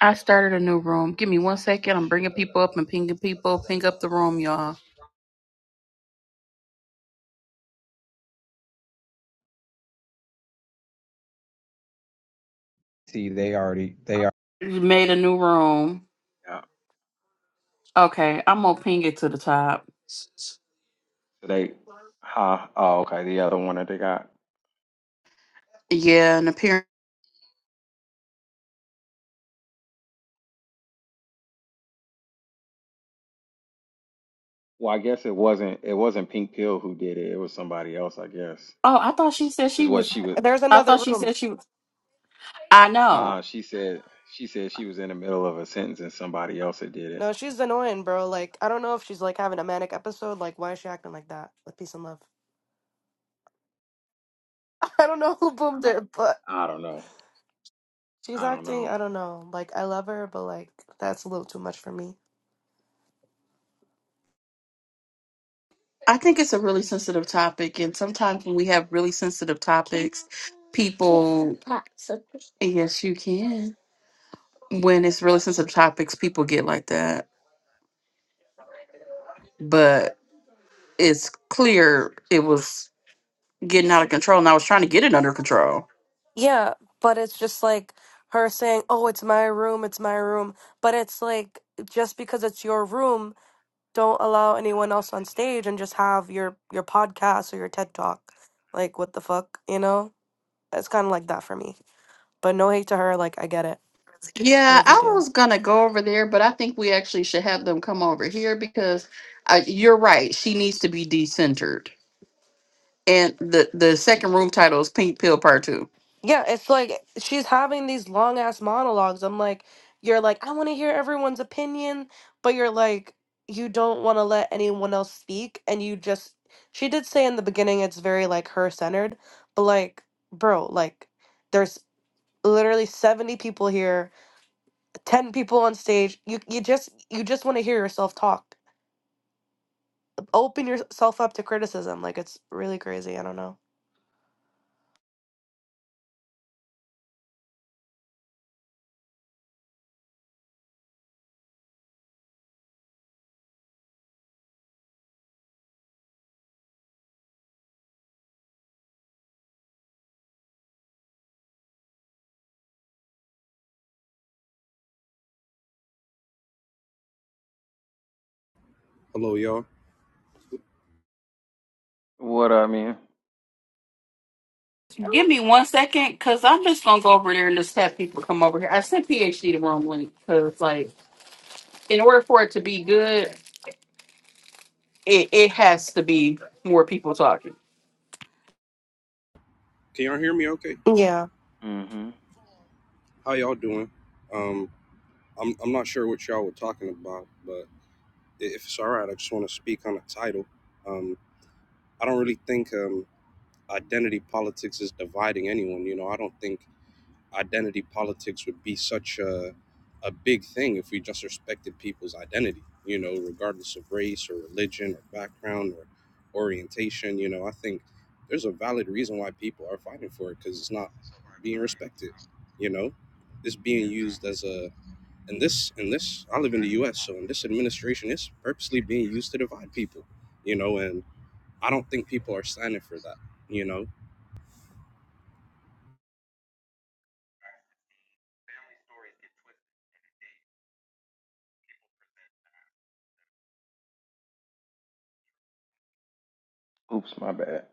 I started a new room. Give me one second. I'm bringing people up and pinging people. Ping up the room, y'all. See, they already they are. Made a new room. Yeah. Okay, I'm gonna ping it to the top. So they, huh? Oh, okay. The other one that they got. Yeah, an appearance. Well, I guess it wasn't. It wasn't Pink Pill who did it. It was somebody else. I guess Oh, I thought she said is she what was. she was. There's I another thought she room. said she was. I Uh, know. uh she said. She said she was in the middle of a sentence and somebody else had did it. No, she's annoying, bro. Like, I don't know if she's like having a manic episode. Like, why is she acting like that with peace and love? I don't know who boomed it, but I don't know. she's I don't acting, know. I don't know. Like, I love her, but like, that's a little too much for me. I think it's a really sensitive topic, and sometimes when we have really sensitive topics, people. Yes, you can. When it's really sensitive topics, people get like that. But it's clear it was. getting out of control and I was trying to get it under control. Yeah, but it's just like her saying, oh, it's my room, it's my room. But it's like, just because it's your room, don't allow anyone else on stage and just have your your podcast or your TED talk. Like, what the fuck, you know? It's kind of like that for me. But no hate to her. Like, I get it. I Yeah, really I do. was gonna go over there, but I think we actually should have them come over here because uh, you're right. She needs to be decentered. And the the second room title is Pink Pill Part Two. Yeah, it's like she's having these long ass monologues. I'm like, you're like, I want to hear everyone's opinion, but you're like, you don't want to let anyone else speak. And you just, she did say in the beginning it's very like her centered, but like, bro, like, there's literally 70 people here, 10 people on stage. You, you just, you just want to hear yourself talk. Open yourself up to criticism. Like, it's really crazy. I don't know. Hello, y'all. What I mean. Give me one second, cause I'm just gonna go over there and just have people come over here. I sent PhD the wrong link, cause like in order for it to be good, it, it has to be more people talking. Can y'all hear me? Okay. Yeah, Mm-hmm. How y'all doing? Um, I'm I'm not sure what y'all were talking about, but i- if it's all right, I just want to speak on the title. Um, I don't really think um identity politics is dividing anyone. You know, I don't think identity politics would be such a a big thing if we just respected people's identity, you know, regardless of race or religion or background or orientation. You know, I think there's a valid reason why people are fighting for it because it's not being respected. You know, it's being used as a and this and this. I live in the U.S., so in this administration, it's purposely being used to divide people. You know, and I don't think people are standing for that. You know, Oops, my bad.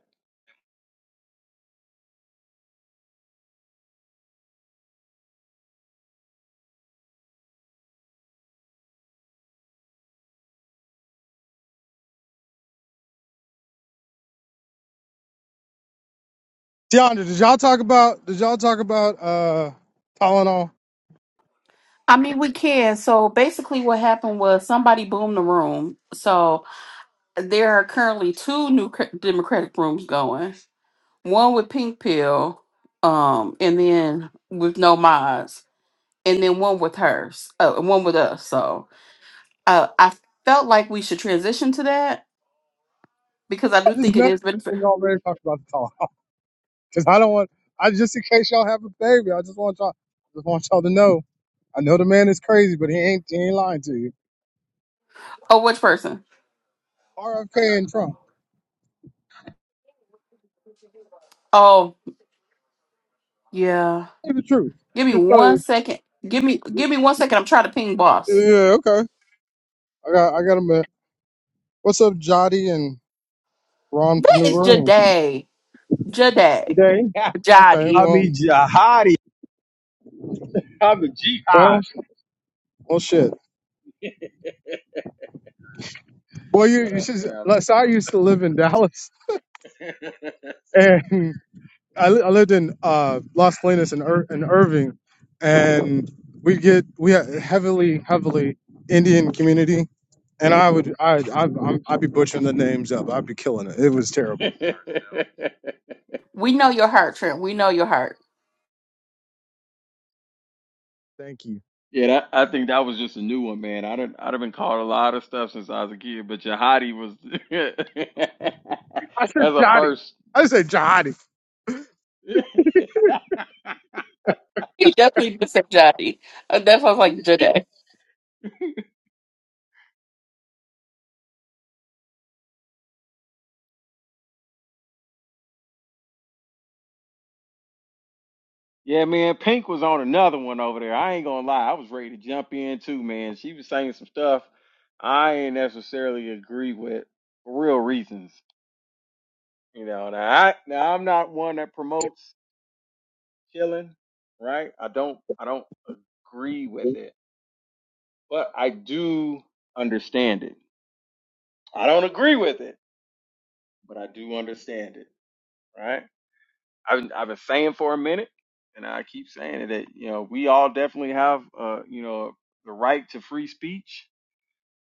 DeAndre, did y'all talk about did y'all talk about uh Tylenol? I mean, we can. So basically, what happened was somebody boomed the room. So there are currently two new cr- Democratic rooms going. One with Pink Pill, um, and then with No Mods, and then one with hers, uh, and one with us. So uh, I felt like we should transition to that because I I do just think it messaged is you benefit. when y'all already talked about the Tylenol because I don't want I just in case y'all have a baby, I just want y'all I just want y'all to know. I know the man is crazy, but he ain't he ain't lying to you. Oh, which person? RFK and Trump, Oh, yeah. tell you the truth. I Give me just tell one you. second. Give me, give me one second. I'm trying to ping boss. Yeah, okay. I got I got a minute. What's up, Jody and Ron That is Panura? Jade. Jade. Today. Okay. I Jadi. Well. mean, jihadi. I'm a Well. jihad. Well. Shit. Well, you What you up, should. fam? Like, so I used to live in Dallas, and I, li- I lived in uh, Los Colinas and Ir- in Irving, and we get we had heavily heavily Indian community, and I would I I I'm, I'd be butchering the names up. I'd be killing it. It was terrible. We know your heart, Trent. We know your heart. Thank you. yeah, that, I think that was just a new one, man. I done, I'd have been called a lot of stuff since I was a kid, but jihadi was I said as a Jihadi. first. I said Jihadi. He definitely did say Jody. I definitely like Jade. yeah, man. Pink was on another one over there. I ain't gonna lie, I was ready to jump in too, man. She was saying some stuff I ain't necessarily agree with for real reasons, you know. Now, I, now I'm not one that promotes. killing, right? I don't I don't agree with it, but I do understand it. I don't agree with it, but I do understand it, right? I've I've been saying for a minute, and I keep saying it that you know we all definitely have uh you know the right to free speech,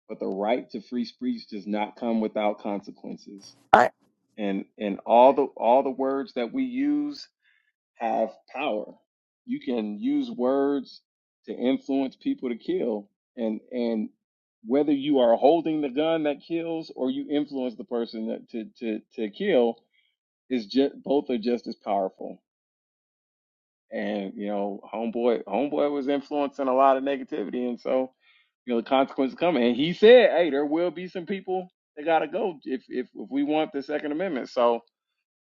but the right to free speech does not come without consequences. I, And and all the all the words that we use have power. You can use words to influence people to kill, and and whether you are holding the gun that kills or you influence the person that to to to kill is just both are just as powerful. And you know, homeboy, homeboy was influencing a lot of negativity, and so you know the consequences coming. And he said, "Hey, there will be some people that gotta go if if if we want the Second Amendment." So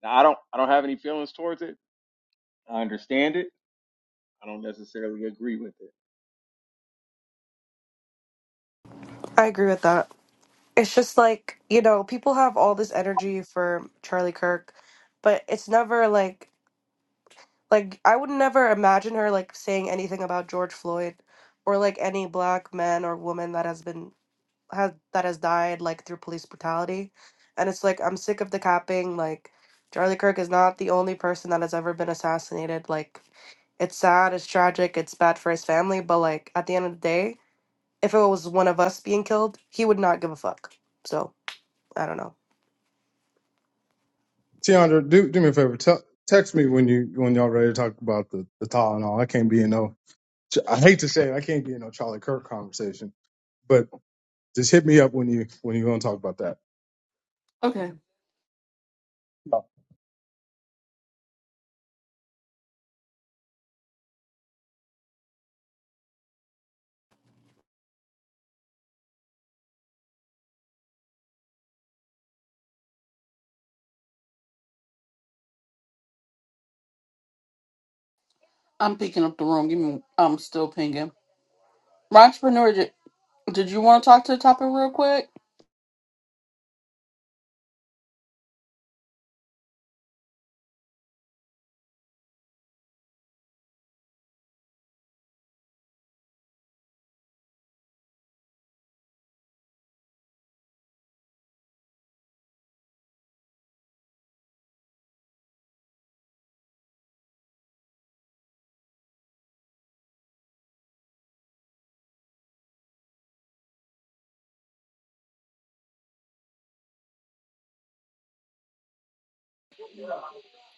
now, I don't I don't have any feelings towards it. I understand it. I don't necessarily agree with it. I agree with that. it's just like you know people have all this energy for charlie kirk but it's never like like i would never imagine her like saying anything about george floyd or like any black man or woman that has been has that has died like through police brutality and it's like i'm sick of the capping like charlie kirk is not the only person that has ever been assassinated like it's sad it's tragic it's bad for his family but like at the end of the day if it was one of us being killed he would not give a fuck so i don't know Tiandra, do do me a favor. Tell text me when you when y'all ready to talk about the the Tylenol. I can't be in no. I hate to say it. I can't be in no Charlie Kirk conversation, but just hit me up when you when you going to talk about that. Okay, I'm picking up the room. Give me, I'm still pinging. Entrepreneur, did, did you want to talk to the topic real quick?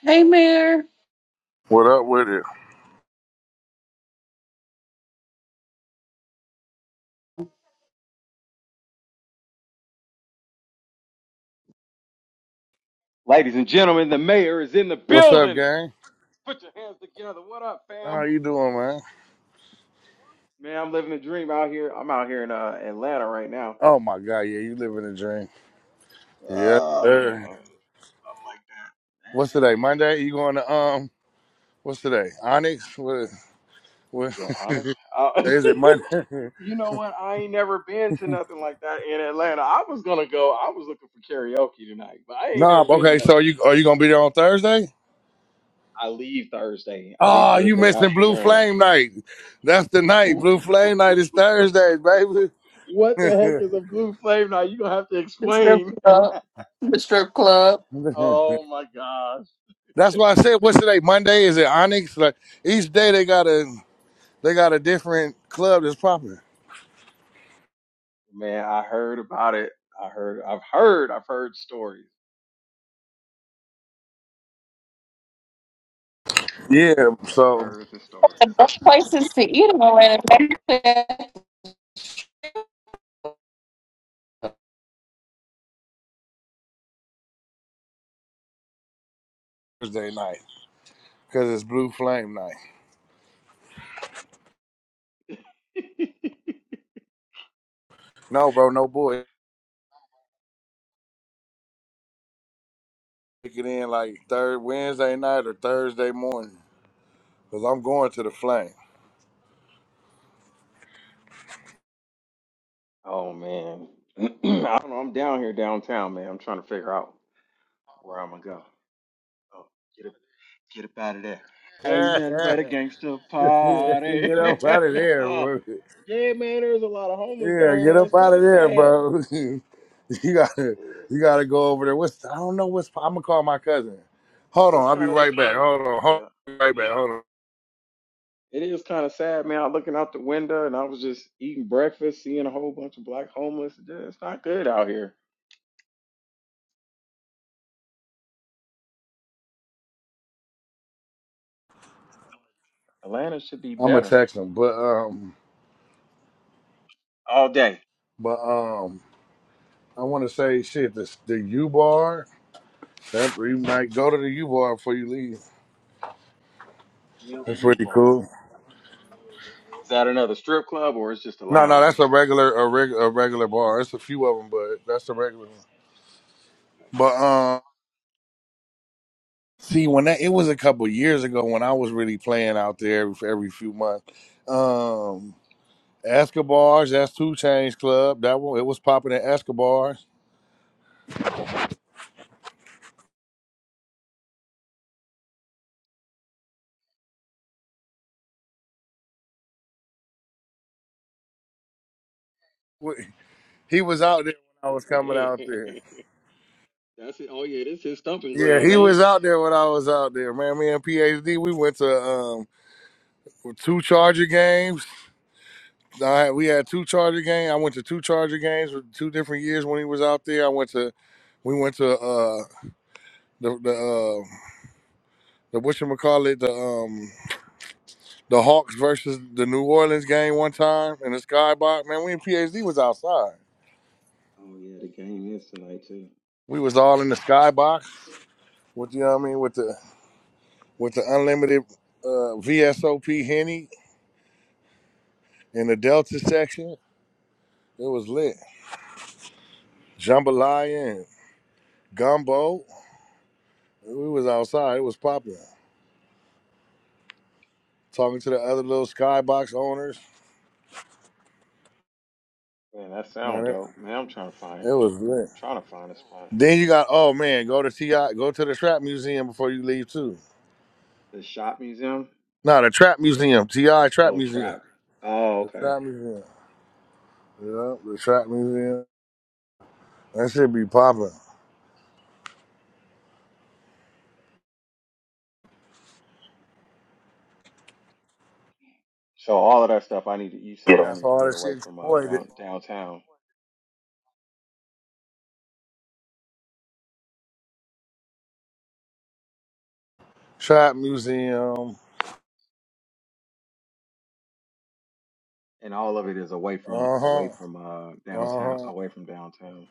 Hey, Mayor. What up with it? Ladies and gentlemen, the mayor is in the What's up, building. gang? Put your hands together. What up, How fam? you doing, man? Man, I'm living the dream out here. I'm out here in uh, Atlanta right now. Oh my god, yeah, you living a dream. Yes, Oh, well, sir. something What's like that. today? Monday? You going to um? What's today? Onyx? What? what Is that honor? Uh, is it Monday? you know what? I ain't never been to nothing like that in Atlanta. I was gonna go. I was looking for karaoke tonight, but I ain't nah. never been to Okay. that. So you are you gonna be there on Thursday? I leave Thursday. I leave Ah, you Thursday missing Blue afternoon. Flame Night. That's the night. Blue Flame Night is Thursday, baby. what the heck is a blue flame? Now you gonna have to The strip explain. club. The strip club. Oh my gosh. That's why I said, what's today? Monday? Is it Onyx? Like each day they got a they got a different club that's popping. Man, I heard about it. I heard I've heard I've heard stories. Yeah, I've so heard the The stories. best places to eat in Atlanta. Thursday night because it's Blue Flame night. No, bro, no boy. Kick it in like third Wednesday night or Thursday morning because I'm going to the Flame. oh man. I don't know. I'm down here downtown, man. I'm trying to figure out where I'm gonna go. Oh, get up get up out of there. Ain't nothing but a gangster Yeah, party. get up out of there, no. bro. Yeah, man, there's a lot of homeless down Yeah, here, get man. up It's out of kinda there, sad. bro. you gotta, It's, you gotta go over there. What's I don't know what's. I'm gonna call my cousin. Hold on, it's I'll be kinda right sad. back. Hold on, hold Yeah. on, right back. Hold on. It is kind of sad, man. I looking out the window and I was just eating breakfast, seeing a whole bunch of black homeless. Yeah, It's not good out here. Atlanta should be I'm gonna better text him, but um, all day. but um, I want to say shit. This the U bar. That you might go to the U bar before you leave. A That's U pretty bar. cool. Is that another strip club or it's just a No, no, lounge? that's a regular, a, reg, a regular bar. It's a few of them, but that's a regular one. But um, see, when that it was a couple years ago when I was really playing out there every, every few months. Um, Escobar's, that's Two Chains Club. That one, it was popping at Escobar's. Wh- He was out there when I was That's coming out there. it. Oh yeah, this is stomping Yeah, grounds, he ain't was it? out there when I was out there, man. Me and PhD, we went to um two Charger games. I, we had two Charger games. I went to two Charger games with two different years when he was out there. I went to, we went to uh, the the uh, the what call it the um the Hawks versus the New Orleans game one time in the skybox. Man, we in PhD was outside. Oh yeah, the game is tonight too. We was all in the skybox with you know what I mean with the with the unlimited uh, VSOP henny in the Delta section. It was lit. Jambalaya and gumbo. We was outside. It was popping. talking to the other little skybox owners. Man, that sound Man, it, dope. Man, I'm trying to find it. it was lit. I'm trying to find a spot. Then you got oh man, go to Ti, go to the Trap Museum before you leave too. The shop museum. No, the Trap Museum, Ti Trap Oh, Museum, trap. Oh, the okay. Trap Museum, yeah, the Trap Museum. That should be popping. So all of that stuff I need to. You Yeah. saying I That's need to all get that away shit your from uh boy did. down, downtown? Trap Museum. and all of it is away from Uh huh. away from uh Uh downtown huh. away from downtown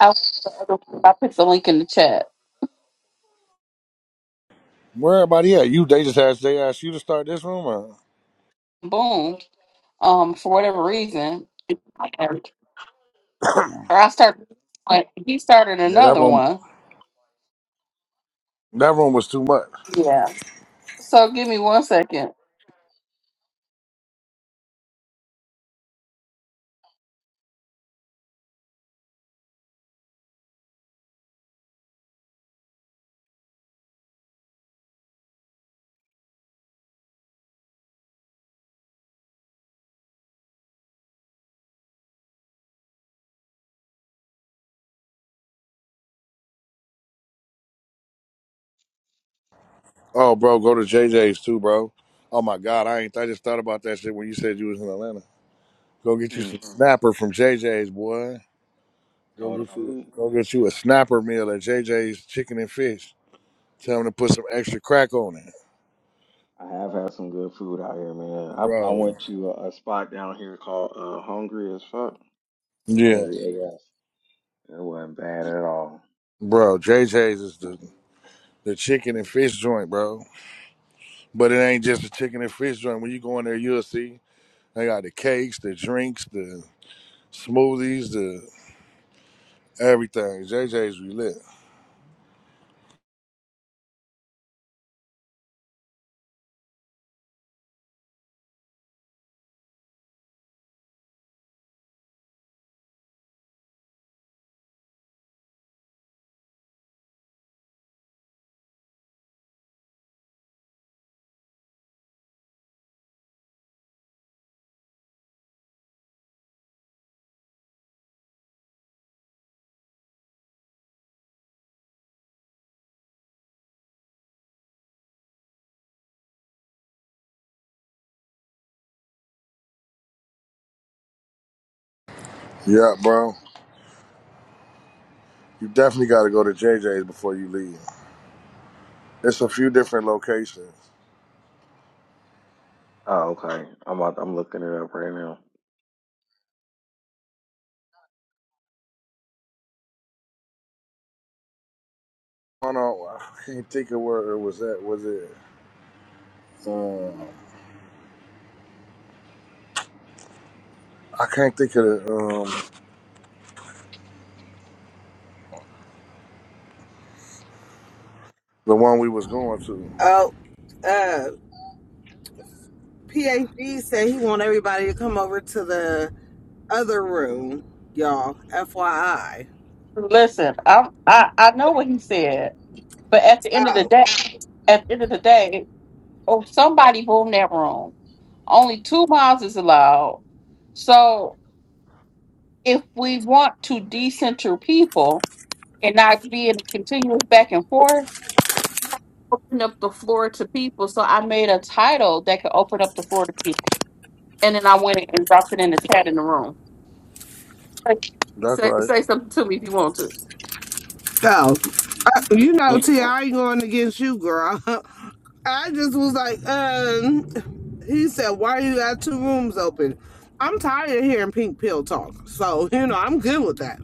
I'll I'll put the link in the chat. Where everybody at? You they just asked they asked you to start this room. Or? Boom. Um, for whatever reason, or I started. He started Yeah, that another room one. that room was too much. Yeah. So give me one second. Oh, bro, go to J J's too, bro. Oh my God, I ain't. I just thought about that shit when you said you was in Atlanta. Go get you mm. some snapper from J J's, boy. Go all the get you. food Go get you a snapper meal at J J's Chicken and Fish. Tell them to put some extra crack on it, i have had some good food out here man i, I bro. went to a, a spot down here called uh hungry as fuck Yeah, hungry af it wasn't bad at all bro. J J's is the the chicken and fish joint, bro. But it ain't just a chicken and fish joint. When you go in there, you'll see they got the cakes, the drinks, the smoothies, the everything. J J's, we lit. Yeah, bro. You definitely got to go to JJ's before you leave. It's a few different locations. oh okay i'm out, i'm looking it up right now I don't know. I can't think of where it was at. Was it? Um, I can't think of the, um, the one we was going to. Oh, uh, PhD said he want everybody to come over to the other room, y'all. FYI. Listen, I'm, I I know what he said, but at the end of the Oh, day, at the end of the day, oh, somebody boomed that room. Only two miles is allowed. So if we want to decenter people and not be in continuous back and forth, open up the floor to people. So I made a title that could open up the floor to people, and then I went and dropped it in the chat in the room. Like, That's Say right. say something to me if you want to. oh, uh, you know, T, I ain't going against you, girl. I just was like, um, he said, why you got two rooms open? I'm tired of hearing pink pill talk, so you know, I'm good with that.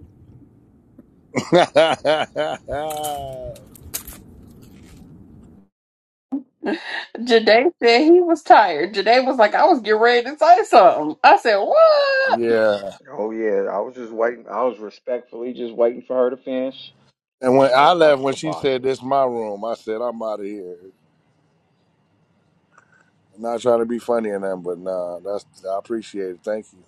Jade said he was tired. Jade was like, I was getting ready to say something. I said, What? yeah. oh yeah i was just waiting i was respectfully just waiting for her to finish And and when i was I about left, to when she kibosh said it this my room, I said I'm out of here. Not trying to be funny or nothing, but nah, that's I appreciate it. Thank you.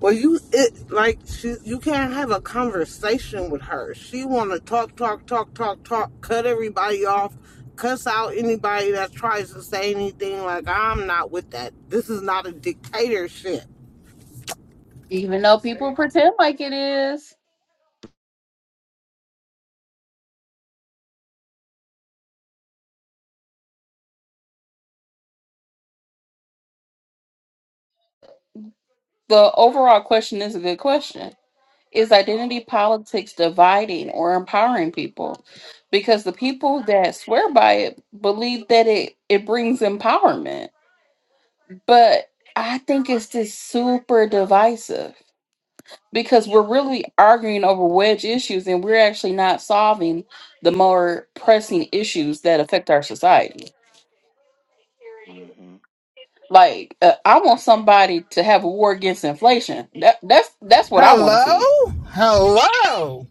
Well, you it like she you can't have a conversation with her. She want to talk, talk, talk, talk, talk, cut everybody off, cuss out anybody that tries to say anything. Like I'm not with that. This is not a dictatorship. Even though people pretend like it is. The overall question is a good question. Is identity politics dividing or empowering people? Because the people that swear by it believe that it, it brings empowerment. But I think it's just super divisive. because we're really arguing over wedge issues and we're actually not solving the more pressing issues that affect our society. hmm Like uh, I want somebody to have a war against inflation. That, that's that's what I want to see. Hello? Hello?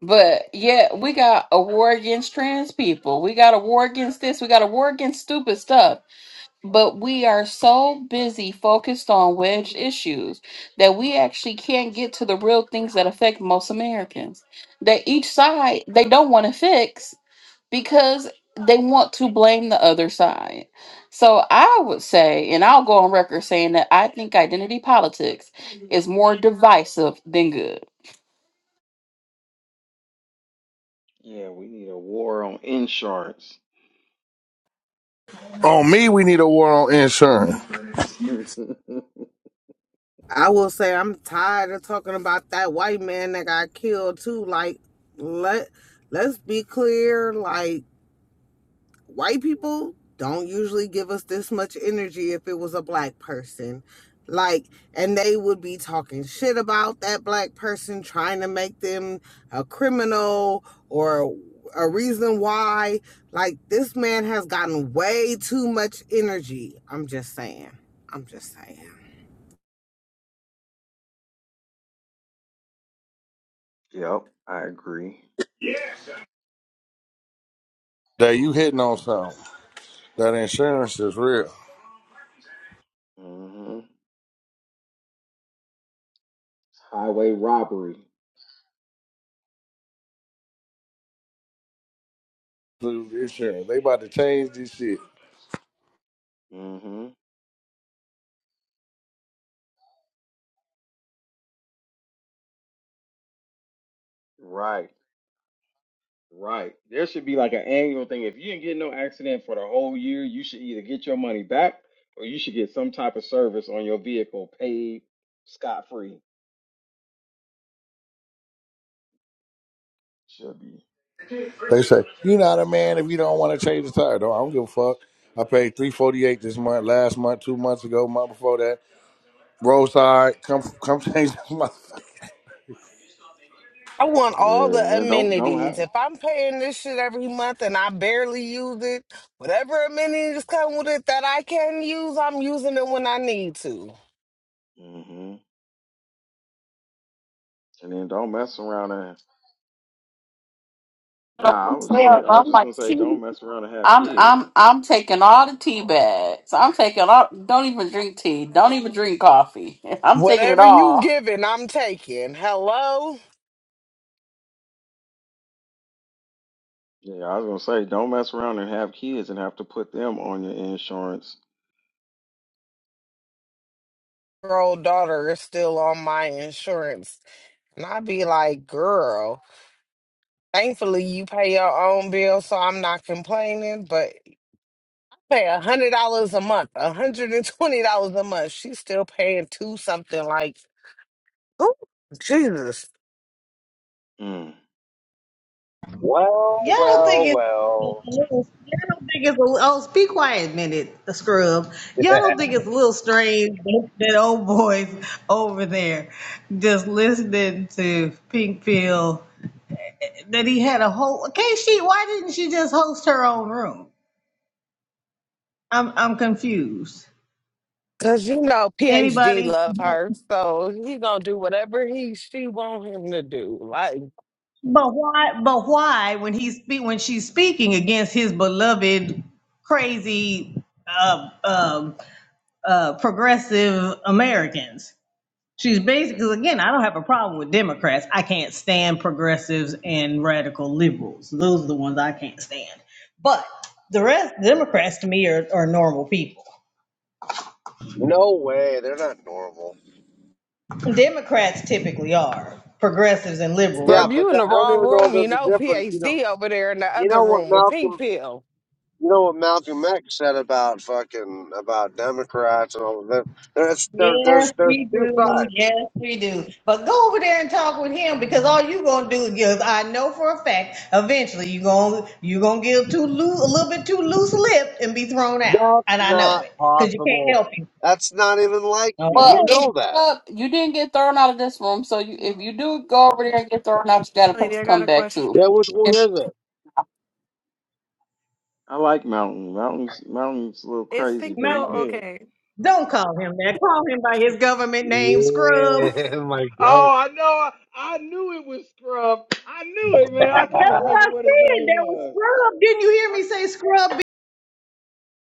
But yeah, we got a war against trans people. We got a war against this. We got a war against stupid stuff. But we are so busy focused on wedged issues that we actually can't get to the real things that affect most Americans. That each side they don't want to fix because they want to blame the other side. So I would say, and I'll go on record saying that I think identity politics is more divisive than good. yeah we need a war on insurance On me, we need a war on insurance. I will say I'm tired of talking about that white man that got killed too. Like let let's be clear. Like white people don't usually give us this much energy if it was a black person. Like, and they would be talking shit about that black person, trying to make them a criminal or a reason why. Like, this man has gotten way too much energy. I'm just saying. I'm just saying. yep i agree That you hitting on something. That insurance is real. hmm Highway robbery. insurance. They about to change this shit. hmm Right. Right. There should be like an annual thing. If you didn't get in no accident for the whole year, you should either get your money back or you should get some type of service on your vehicle paid scot free. Should be. They say you're not a man if you don't want to change the tire. No, I don't give a fuck. I paid three forty eight this month, last month, two months ago, month before that. Roadside, come come change this month. I want Yeah, all the and then don't don't amenities. have. If I'm paying this shit every month and I barely use it, whatever amenities come with it that I can use, I'm using it when I need to. hmm And then don't mess around and nah, I was just like, I was just gonna say don't mess around and have I'm kids. I'm I'm taking all the tea bags. I'm taking all. Don't even drink tea. Don't even drink coffee. I'm taking it Whatever you all. giving, I'm taking. Hello? Yeah, I was gonna say don't mess around and have kids and have to put them on your insurance. Her old daughter is still on my insurance. And i be like, girl, thankfully you pay your own bill, so I'm not complaining, but you pay a hundred dollars a month, a hundred and twenty dollars a month. She's still paying two something like, ooh, Jesus. Mm. Well, Y'all don't think well, it's well. y'all don't think it's a oh be quiet a minute, the scrub. Y'all don't Yeah. think it's a little strange that, that old boy's over there just listening to Pink Pill that he had a whole okay she why didn't she just host her own room? I'm I'm confused. Cause you know PhD Anybody love but her, so he gonna do whatever he she want him to do. Like, why but why when he's spe- when she's speaking against his beloved crazy uh, um uh, progressive Americans? She's basically, again, I don't have a problem with Democrats. I can't stand progressives and radical liberals. Those are the ones I can't stand. But the rest, Democrats to me are, are normal people. no way. They're not normal. Democrats typically are. Progressives and liberals bro, Yeah, aren't. but you in that, the I don't wrong even know if room, you there's a know difference. You know, PhD over there in the you other know what room with pink Malcolm, pill. you know what Malcolm X said about fucking about Democrats and all of that. There's there, Yes, there's there's we two do. sides. Yes, we do. But go over there and talk with him because all you gonna do is I know for a fact eventually you gonna you gonna give too loose a little bit too loose lip and be thrown out, That's and I know not it because you can't possible. help it. That's not even like me. You Well, Okay. know that. well, you didn't get thrown out of this room, so you, if you do go over there and get thrown out, you got a place Lady, to I got come a back to. Yeah, question. which one is I like Mountain. Mountain's Mountain's a little Is crazy, pink but pill he No, good. okay? don't call him that. Call him by his government name, Scrub. it? Yeah, my God. Oh, I know. I, I knew it was Scrub. I knew it, man. I That's couldn't what remember I what his said. name That was was. Scrub. Didn't you hear me say Scrub